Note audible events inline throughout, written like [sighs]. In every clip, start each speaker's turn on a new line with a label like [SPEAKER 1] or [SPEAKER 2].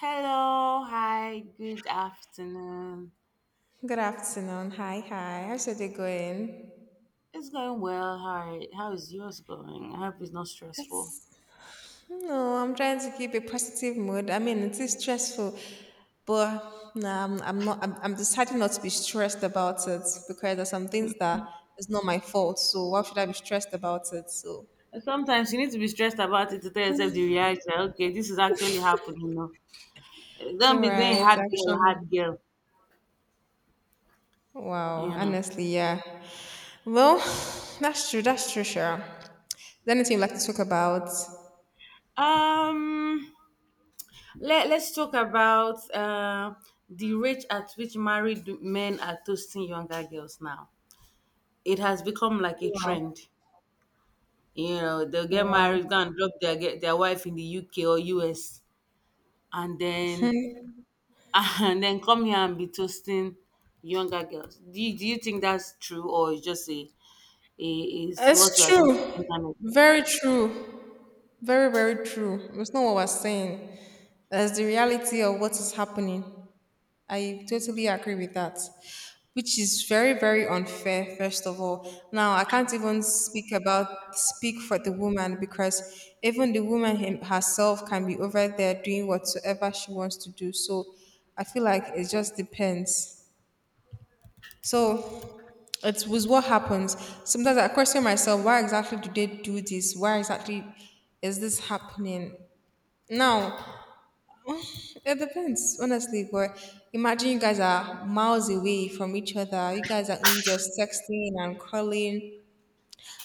[SPEAKER 1] Hello, hi, good afternoon.
[SPEAKER 2] Good afternoon. Hi, hi. How's your day going?
[SPEAKER 1] It's going well. How is yours going? I hope it's not stressful.
[SPEAKER 2] No, I'm trying to keep a positive mood. I mean, it is stressful, but nah, I'm not. I'm deciding not to be stressed about it because there's some things that is not my fault. So why should I be stressed about it? So,
[SPEAKER 1] Sometimes you need to be stressed about it to tell yourself the reality, okay, this is actually happening. You know, eh, don't
[SPEAKER 2] all
[SPEAKER 1] be doing
[SPEAKER 2] right,
[SPEAKER 1] hard girl,
[SPEAKER 2] actually,
[SPEAKER 1] hard girl.
[SPEAKER 2] wow.
[SPEAKER 1] You know.
[SPEAKER 2] Honestly, yeah. Well, [sighs] that's true. That's true. Sure. Is there anything you'd like to talk about?
[SPEAKER 1] Um. Let's talk about the rate at which married men are toasting younger girls now. It has become like a
[SPEAKER 2] Wow,
[SPEAKER 1] trend. You know, they'll get
[SPEAKER 2] wow.
[SPEAKER 1] married, go and drop their get their wife in the UK or US, and then
[SPEAKER 2] [laughs]
[SPEAKER 1] [laughs] and then come here and be toasting younger girls. Do you think that's true, or it's just a is what we
[SPEAKER 2] It's
[SPEAKER 1] are seeing on
[SPEAKER 2] true.
[SPEAKER 1] the internet?
[SPEAKER 2] Very true. Very, very true. It's not what we saying. That's the reality of what is happening. I totally agree with that, which is very, very unfair. First of all, now I can't even speak for the woman because even the woman him, herself can be over there doing whatsoever she wants to do. So I feel like it just depends. So it was what happens. Sometimes I question myself, why exactly do they do this? Why exactly is this happening? Now, it depends, honestly. But imagine you guys are miles away from each other. You guys are only just texting and calling,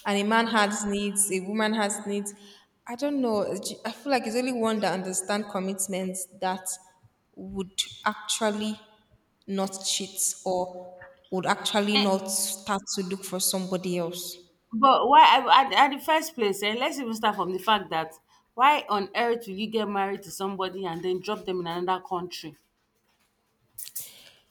[SPEAKER 2] and a man has needs, a woman has needs. I don't know. I feel like it's only one that understands commitments that would actually not cheat or would actually
[SPEAKER 1] Eh,
[SPEAKER 2] not start to look for somebody else.
[SPEAKER 1] but at the first place, let's even start from the fact that why on earth will you get married to somebody and then drop them in another country?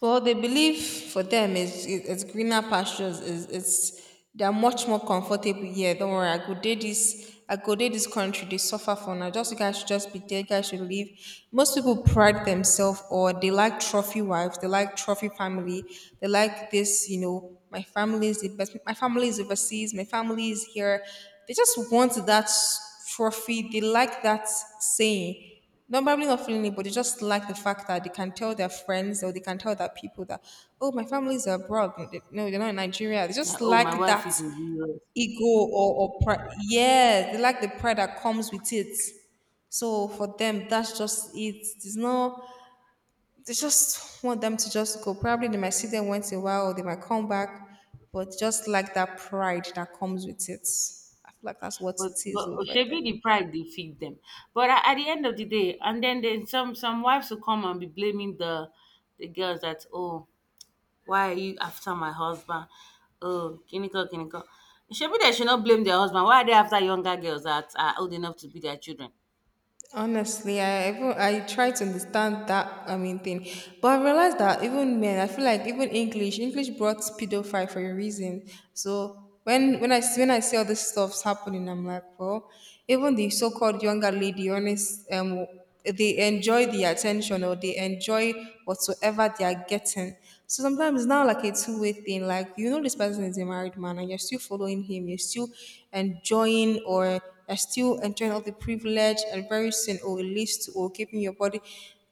[SPEAKER 2] Well, they believe for them is it's greener pastures. Is it's they're much more comfortable here. Don't worry, I go dey this. I go dey this country. They suffer for now. Just you guys should just be there. You guys should leave. Most people pride themselves or they like trophy wives. They like trophy family. They like this. You know, my family is the best. My family is overseas. My family is here. They just want that trophy. They like that saying not probably not feeling it, but they just like the fact that they can tell their friends or they can tell their people that, oh, my family's abroad. No, they're not in Nigeria. They
[SPEAKER 1] Like,
[SPEAKER 2] just
[SPEAKER 1] oh, my
[SPEAKER 2] like
[SPEAKER 1] wife
[SPEAKER 2] that
[SPEAKER 1] is in the US.
[SPEAKER 2] ego or pride. Yeah, they like the pride that comes with it. So for them, that's just it. There's no, they just want them to just go. Probably they might see them once in a while or they might come back, but just like that pride that comes with it. I feel like that's what it is
[SPEAKER 1] But
[SPEAKER 2] though for
[SPEAKER 1] Oshebi
[SPEAKER 2] them.
[SPEAKER 1] the pride they feed them. But at the end of the day, and then some wives will come and be blaming the girls that, oh, why are you after my husband? Oh, kiniko, kiniko. Shebi they should not blame their husband. Why are they after younger girls that are old enough to be their children?
[SPEAKER 2] Honestly, I try to understand that I mean thing, but I realized that even men, I feel like even English, English brought pedophile for a reason. So when I see all this stuff's happening, I'm like, well, even the so-called younger lady, honest, they enjoy the attention or they enjoy whatsoever they are getting. So sometimes it's now like a two-way thing. Like you know, this person is a married man, and you're still following him. Enjoying, or you're still enjoying all the privilege, and very soon, or it leads to or keeping your body.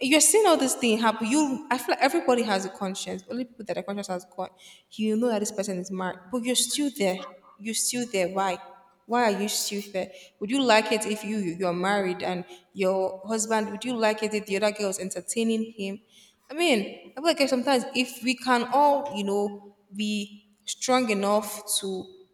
[SPEAKER 2] You're seeing all this thing happen. You, I feel like everybody has a conscience. Only people that are conscious has gone. You know that this person is married, but you're still there. You're still there. Why? Why are you stupid? Would you like it if you're married and your husband? Would you like it if the other girl is entertaining him? I mean, I feel like sometimes if we can all you know be strong enough to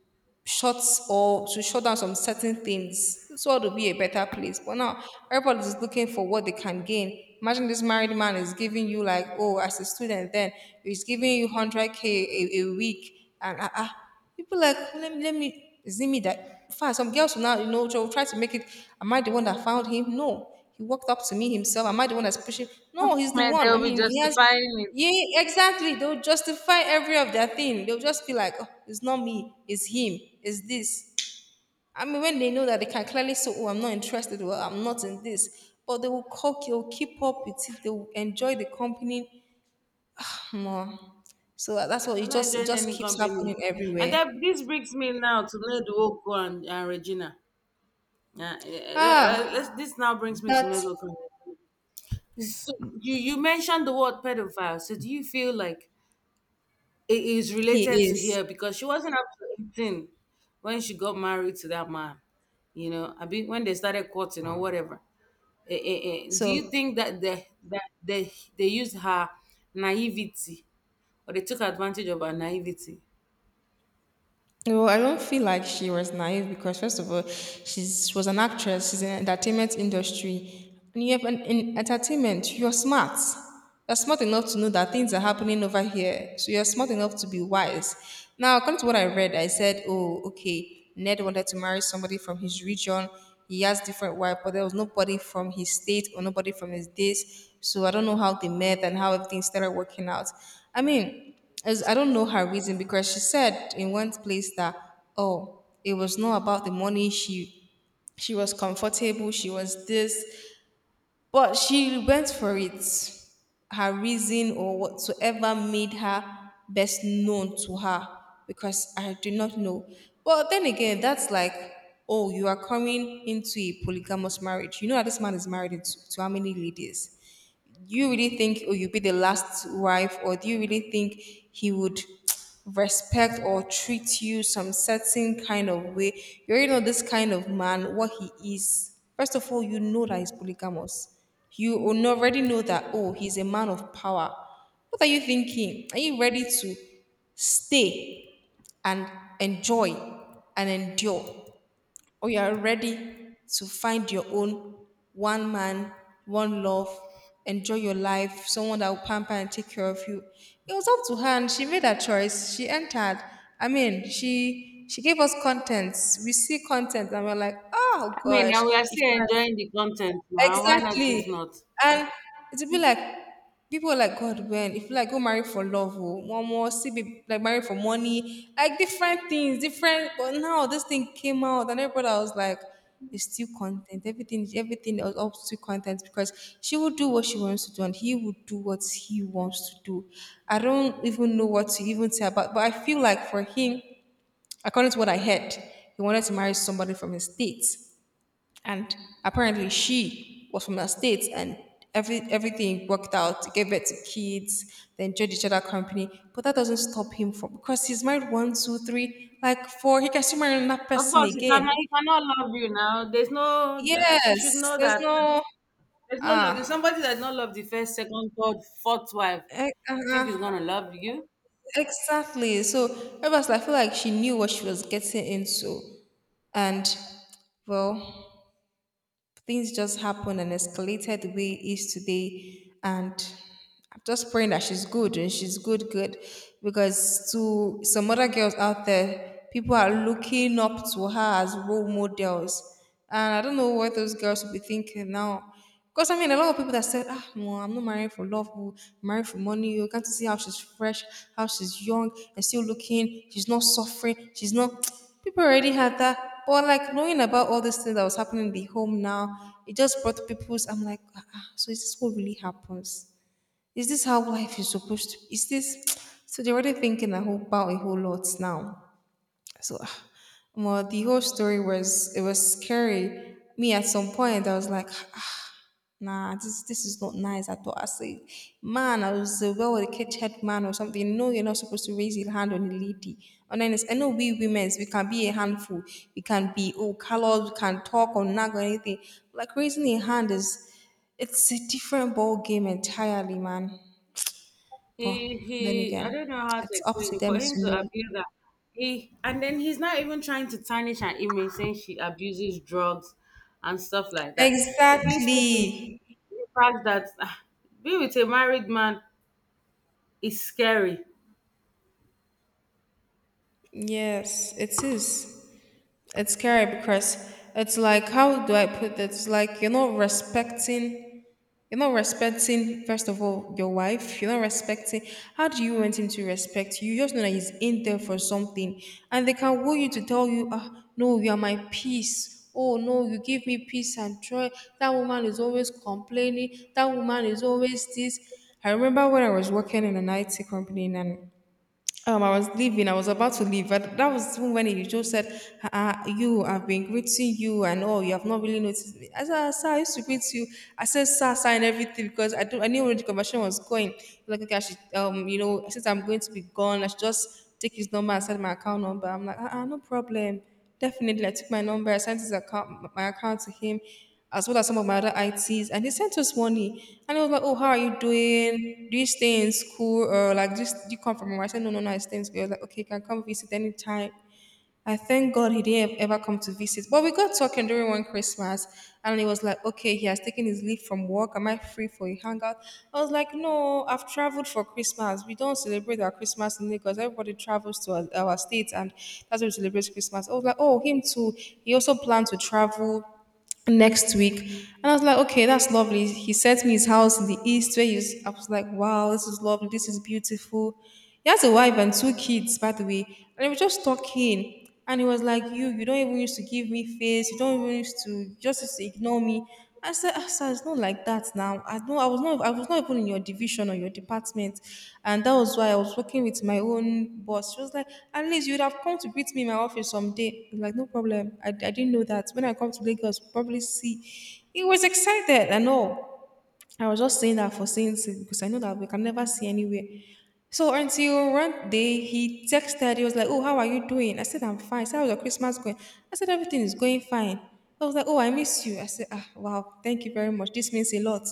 [SPEAKER 2] Shots or to shut down some certain things. This world will be a better place. But now everybody's looking for what they can gain. Imagine this married man is giving you like, oh, as a student, then he's giving you 100K a week, and ah, ah. people like let me is it me that fine. Some girls will now you know will try to make it. Am I the one that found him? No, he walked up to me himself. Am I the one that's pushing? No, he's the
[SPEAKER 1] Man,
[SPEAKER 2] one. I
[SPEAKER 1] they'll be
[SPEAKER 2] mean, he has.
[SPEAKER 1] justifying it.
[SPEAKER 2] Yeah, exactly. They'll justify every of their thing. They'll just be like, oh, it's not me, it's him, it's this. I mean, when they know that they can clearly say, oh, I'm not interested, well, I'm not in this. But they will cook, they'll keep up with it, they'll enjoy the company more. So that's what
[SPEAKER 1] I'm
[SPEAKER 2] it
[SPEAKER 1] not
[SPEAKER 2] just it
[SPEAKER 1] enjoying
[SPEAKER 2] just
[SPEAKER 1] any
[SPEAKER 2] keeps
[SPEAKER 1] company.
[SPEAKER 2] happening
[SPEAKER 1] And
[SPEAKER 2] everywhere.
[SPEAKER 1] that this brings me now to Nedwoko and Regina.
[SPEAKER 2] Ah,
[SPEAKER 1] This now brings me to
[SPEAKER 2] that
[SPEAKER 1] Nedwoko. So you mentioned the word pedophile. So do you feel like it is related
[SPEAKER 2] he
[SPEAKER 1] to
[SPEAKER 2] is.
[SPEAKER 1] here because she wasn't up to 18 when she got married to that man? You know, I mean, when they started courting or whatever. Do you
[SPEAKER 2] So
[SPEAKER 1] think that they used her naivety, or they took advantage of her naivety?
[SPEAKER 2] no, I don't feel like she was naive because first of all, she was an actress. She's in entertainment industry, and you have an, in entertainment. You're smart. You're smart enough to know that things are happening over here. So you're smart enough to be wise. Now, according to what I read, I said, "Oh, okay." Ned wanted to marry somebody from his region. He has different wife, but there was nobody from his state or nobody from his this. So I don't know how they met and how everything started working out. I mean. As I don't know her reason because she said in one place that oh it was not about the money she was comfortable she was this, but she went for it, her reason or whatsoever made her best known to her because I do not know. But then again, that's like, oh, you are coming into a polygamous marriage. You know that this man is married to how many ladies. Do you really think, oh, you'll be the last wife? Or do you really think he would [tsk] respect or treat you some certain kind of way? You already know this kind of man what he is. First of all, you know that he's polygamous. You already know that, oh, he's a man of power. What are you thinking? Are you ready to stay and enjoy and endure, or you are ready to find your own one man, one love, enjoy your life, someone that will pamper and take care of you? It was up to her and she made her choice. She entered. I mean, she gave us contents. We see contents and we're like, oh
[SPEAKER 1] I mean,
[SPEAKER 2] gosh,
[SPEAKER 1] and we are
[SPEAKER 2] if
[SPEAKER 1] still
[SPEAKER 2] you
[SPEAKER 1] enjoying the content now, why not? If
[SPEAKER 2] exactly.
[SPEAKER 1] not,
[SPEAKER 2] And it'll be like people are like, God, when if you like go marry for love, oh, one more see be like marry for money, like different things, different but now this thing came out and everybody was like, it's still content. Everything is up to content because she will do what she wants to do and he will do what he wants to do. I don't even know what to even say about, but I feel like for him, according to what I heard, he wanted to marry somebody from his state. And apparently she was from the States and everything worked out, gave birth to kids, they enjoyed each other company. But that doesn't stop him from because he's married one, two, three, like four. He can still marry another
[SPEAKER 1] of
[SPEAKER 2] person
[SPEAKER 1] course you cannot,
[SPEAKER 2] again.
[SPEAKER 1] he cannot love you. Now, there's no, she
[SPEAKER 2] Yes.
[SPEAKER 1] should know
[SPEAKER 2] There's
[SPEAKER 1] that
[SPEAKER 2] no
[SPEAKER 1] there's no loving
[SPEAKER 2] ah.
[SPEAKER 1] somebody that does not love the first, second, third, fourth wife.
[SPEAKER 2] Eh,
[SPEAKER 1] You think
[SPEAKER 2] uh-huh.
[SPEAKER 1] he's gonna love you?
[SPEAKER 2] Exactly. So I feel like she knew what she was getting into. And well, things just happened and escalated the way it is today. And I'm just praying that she's good and she's good, good. Because to some other girls out there, people are looking up to her as role models. And I don't know what those girls will be thinking now. Because I mean, a lot of people that said, ah, no, I'm not marrying for love, oh, I'm marrying for money. Oh, you can't you see how she's fresh, how she's young, and still looking. She's not suffering. She's not. [tsk] People already had that. But like knowing about all these things that was happening in the home now, it just brought people's. I'm like, ah, ah, so is this what really happens? Is this how life is supposed to? Is this? [tsk] So they're already thinking a whole about a whole lot now. So, ah, well, the whole story was it was scary. Me at some point, I was like. [sighs] Nah, this is not nice at all. I say, man, I was a well with a catch head man or something. No, you're not supposed to raise your hand on a lady. And then it's, I know we women, we can be a handful. We can be oh colored, we can talk or nag or anything. Like raising your hand is, it's a different ball game entirely, man.
[SPEAKER 1] he
[SPEAKER 2] But then
[SPEAKER 1] he I don't know
[SPEAKER 2] again,
[SPEAKER 1] how to
[SPEAKER 2] it's up
[SPEAKER 1] explain
[SPEAKER 2] to
[SPEAKER 1] it, for
[SPEAKER 2] them
[SPEAKER 1] him
[SPEAKER 2] to
[SPEAKER 1] to
[SPEAKER 2] know.
[SPEAKER 1] abuse her, he and then he's not even trying to tarnish her image saying she abuses drugs and stuff like that. It brings me to
[SPEAKER 2] Exactly.
[SPEAKER 1] the fact that, ah, being with a married man is scary.
[SPEAKER 2] Yes, it is. It's scary because it's like, how do I put it? It's like you're not respecting, first of all, your wife. You're not respecting. How do you want him to respect you? You just know that he's in there for something. And they can want you to tell you, "No, you are my peace. Oh, no, you give me peace and joy. That woman is always complaining. That woman is always this." I remember when I was working in an IT company and I was leaving. I was about to leave, but that was even when he just said, "You, I've been greeting you, and oh, you have not really noticed me." I said, "Ah, sir, I used to greet you." I said, "Sir, sir," and everything because I don't. I knew where the conversation was going. Like, okay, I should, you know, since I'm going to be gone, I should just take his number and send my account number. I'm like, "Ah, no problem." Definitely, I took my number, I sent his account, my account to him, as well as some of my other ITs, and he sent us money. And I was like, "Oh, how are you doing? Do you stay in school or like just do you come from?" I said, "No, no, no, I stay in school." He was like, "Okay, you can come visit anytime." I thank God he didn't ever come to visit. But we got talking during one Christmas, and he was like, okay, he has taken his leave from work. Am I free for a hangout? I was like, no, I've traveled for Christmas. We don't celebrate our Christmas in Lagos. Everybody travels to our states, and that's where we celebrate Christmas. I was like, oh, him too. He also planned to travel next week. And I was like, okay, that's lovely. He sent me his house in the east where he's, I was like, wow, this is lovely. This is beautiful. He has a wife and two kids, by the way. And we were just talking. And he was like, You don't even used to give me face. You don't even used to, you just used to ignore me." I said, "Ah, sir, it's not like that now. I know I was not even in your division or your department. And that was why I was working with my own boss." She was like, "At least you'd have come to greet me in my office someday." I'm like, "No problem. I didn't know that. When I come to Lagos, we'll probably see." He was excited and all. I was just saying that for saying it because I know that we can never see anywhere. So until one day he texted, he was like, "Oh, how are you doing?" I said, "I'm fine." I said, "How's your Christmas going?" I said, "Everything is going fine." I was like, "Oh, I miss you." I said, "Ah, wow, thank you very much. This means a lot."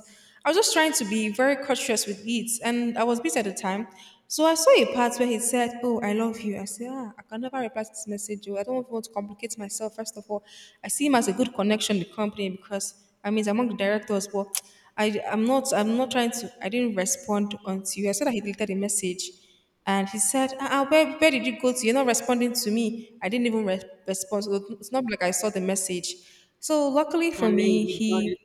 [SPEAKER 2] I was just trying to be very cautious with it, and I was busy at the time. So I saw a part where he said, "Oh, I love you." I said, "Ah, I can never reply to this message. Oh. I don't even want to complicate myself. First of all, I see him as a good connection in the company because I mean, he's among the directors, but." I'm not trying to. I didn't respond until you. I said that he deleted the message and he said, "Ah, ah, where did you go to? You're not responding to me." I didn't even respond. So it's not like I saw the message. So luckily for
[SPEAKER 1] And then
[SPEAKER 2] me,
[SPEAKER 1] you
[SPEAKER 2] he.
[SPEAKER 1] got it.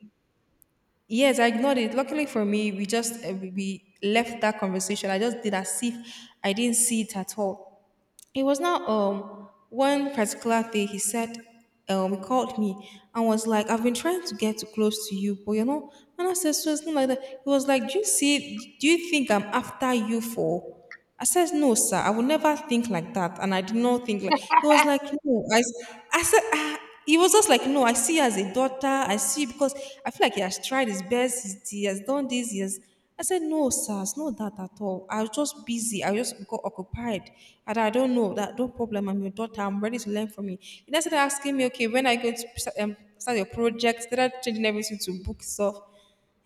[SPEAKER 2] Yes, I ignored it. Luckily for me, we just we left that conversation. I just did as if I didn't see it at all. It was now one particular day he said he called me and was like, "I've been trying to get close to you, but you know," and I said, so it's not like that. He was like, "Do you see do you think I'm after you for?" I said, "No, sir, I would never think like that." And I did not think like. He was like, "No, I, I said ah." He was just like, "No, I see you as a daughter. I see you because I feel like he has tried his best. He's, he has done this. He has." I said, "No, sir, it's not that at all. I was just busy. I just got occupied. And I don't know that. No problem. I'm your daughter. I'm ready to learn from you." He then started asking me, okay, when are you going to start your project? Started changing everything to book stuff.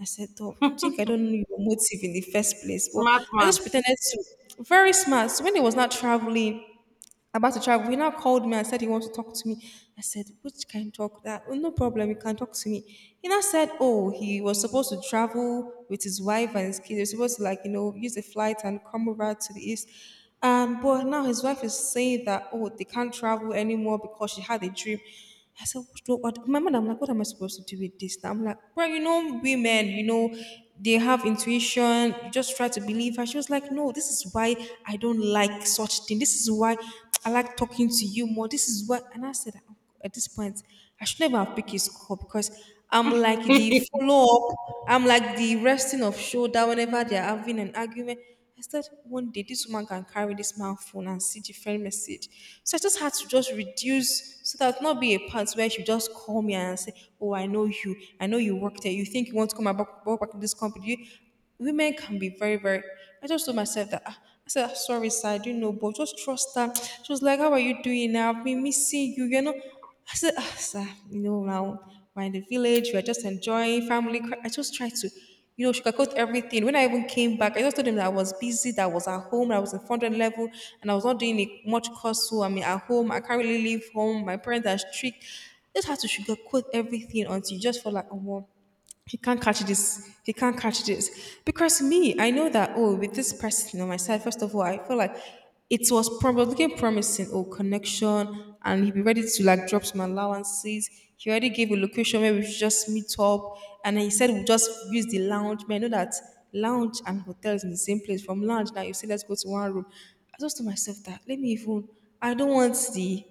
[SPEAKER 2] I said, oh, think I don't know your motive in the first place. But
[SPEAKER 1] Smart
[SPEAKER 2] I
[SPEAKER 1] man.
[SPEAKER 2] just pretended to. Very smart. So when he was not traveling, about to travel. He now called me and said he wants to talk to me. I said, which can talk that? Oh, no problem, you can talk to me. He now said, oh, he was supposed to travel with his wife and his kids. They was supposed to like, you know, use a flight and come over to the east. But now his wife is saying that, oh, they can't travel anymore because she had a dream. I said, "What, what, my am like, what am I supposed to do with this?" Now I'm like, "Bro, you know, women, you know, they have intuition. You just try to believe her." She was like, "No, this is why I don't like such thing. This is why I like talking to you more. This is what," and I said, "Oh, at this point, I should never have picked his call because I'm
[SPEAKER 1] [laughs]
[SPEAKER 2] like the
[SPEAKER 1] You're
[SPEAKER 2] follow up. I'm like the resting of shoulder whenever they're having an argument." I said, one day this woman can carry this man phone and see different message. So I just had to just reduce so that not be a part where she just call me and say, "Oh, I know you. I know you work there. You think you want to come back work, back in this company. You," women can be very, very. I just told myself that, "Ah," I said, "Ah, sorry, sir, I didn't know, but just trust her." She was like, "How are you doing now? I've been missing you, you know." I said, "Ah, sir, you know, now we're in the village, we're just enjoying family. I just tried to, you know, sugarcoat everything. When I even came back, I just told him that I was busy, that I was at home, that I was in 400 level, and I was not doing a much course. So I mean, at home, I can't really leave home. My parents are strict. Just had to sugarcoat everything until you just felt like, oh, wow, he can't catch this. He can't catch this because me, I know that, oh, with this person on my side, first of all, I feel like it was probably looking promising, oh, connection, and he'd be ready to like drop some allowances. He already gave a location where we should just meet up, and he said we'll just use the lounge. But I know that lounge and hotel is in the same place. From lounge now you say let's go to one room. I just told myself that let me even. I don't want the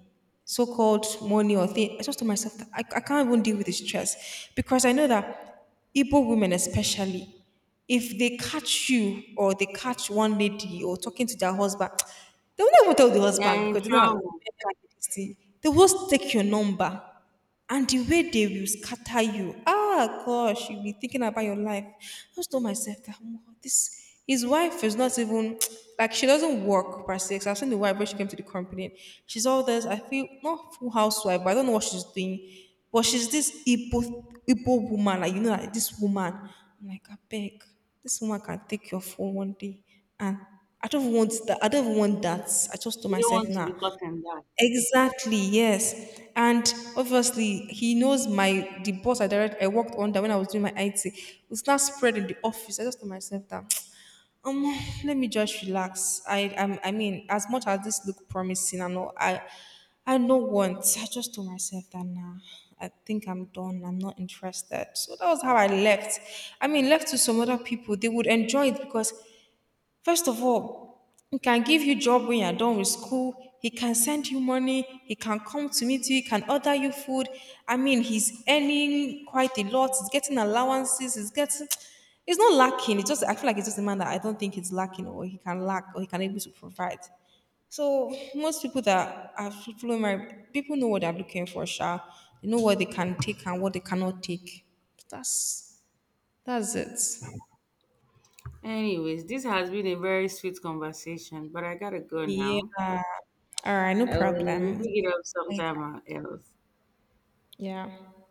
[SPEAKER 2] so-called money or thing. I just told myself that I can't even deal with the stress because I know that Igbo women especially, if they catch you or they catch one lady or talking to their husband, [tsk] they will never tell the husband
[SPEAKER 1] in
[SPEAKER 2] because they know that, oh,
[SPEAKER 1] trouble.
[SPEAKER 2] men like this thing. They will just take your number and the way they will scatter you. Ah, gosh, you'll be thinking about your life. I just told myself that, "Omo, this his wife is not even [tsk] like she doesn't work per se. 'Cause I've seen the wife when she came to the company. She's all this. I feel not full housewife, but I don't know what she's doing. But she's this Igbo woman, like you know, like this woman. I'm like, I beg, this woman can take your phone one day, and I don't want that. I don't even want that." I just told
[SPEAKER 1] You don't
[SPEAKER 2] myself
[SPEAKER 1] want to be
[SPEAKER 2] now.
[SPEAKER 1] caught in that.
[SPEAKER 2] Exactly, yes. And obviously, he knows my the boss I worked under when I was doing my IT. It's now spread in the office. I just told myself that, [tsk] um, let me just relax. I mean, as much as this look promising and all, I no want. I just told myself that nah, I think I'm done. I'm not interested. So that was how I left. I mean, left to some other people, they would enjoy it because first of all, he can give you job when you're done with school. He can send you money. He can come to meet you. He can order you food. I mean, he's earning quite a lot. He's getting allowances. He's getting. He's not lacking. It's just I feel like it's just a man that I don't think he's lacking or he can lack or he can able to provide. So most people that are fully married, people know what they're looking for, Sha. They know what they can take and what they cannot take. That's that's it.
[SPEAKER 1] Anyways, this has been a very sweet conversation, but I gotta go now.
[SPEAKER 2] Yeah. All right, no
[SPEAKER 1] I will
[SPEAKER 2] problem.
[SPEAKER 1] pick it up
[SPEAKER 2] Later.
[SPEAKER 1] sometime else.
[SPEAKER 2] Yeah.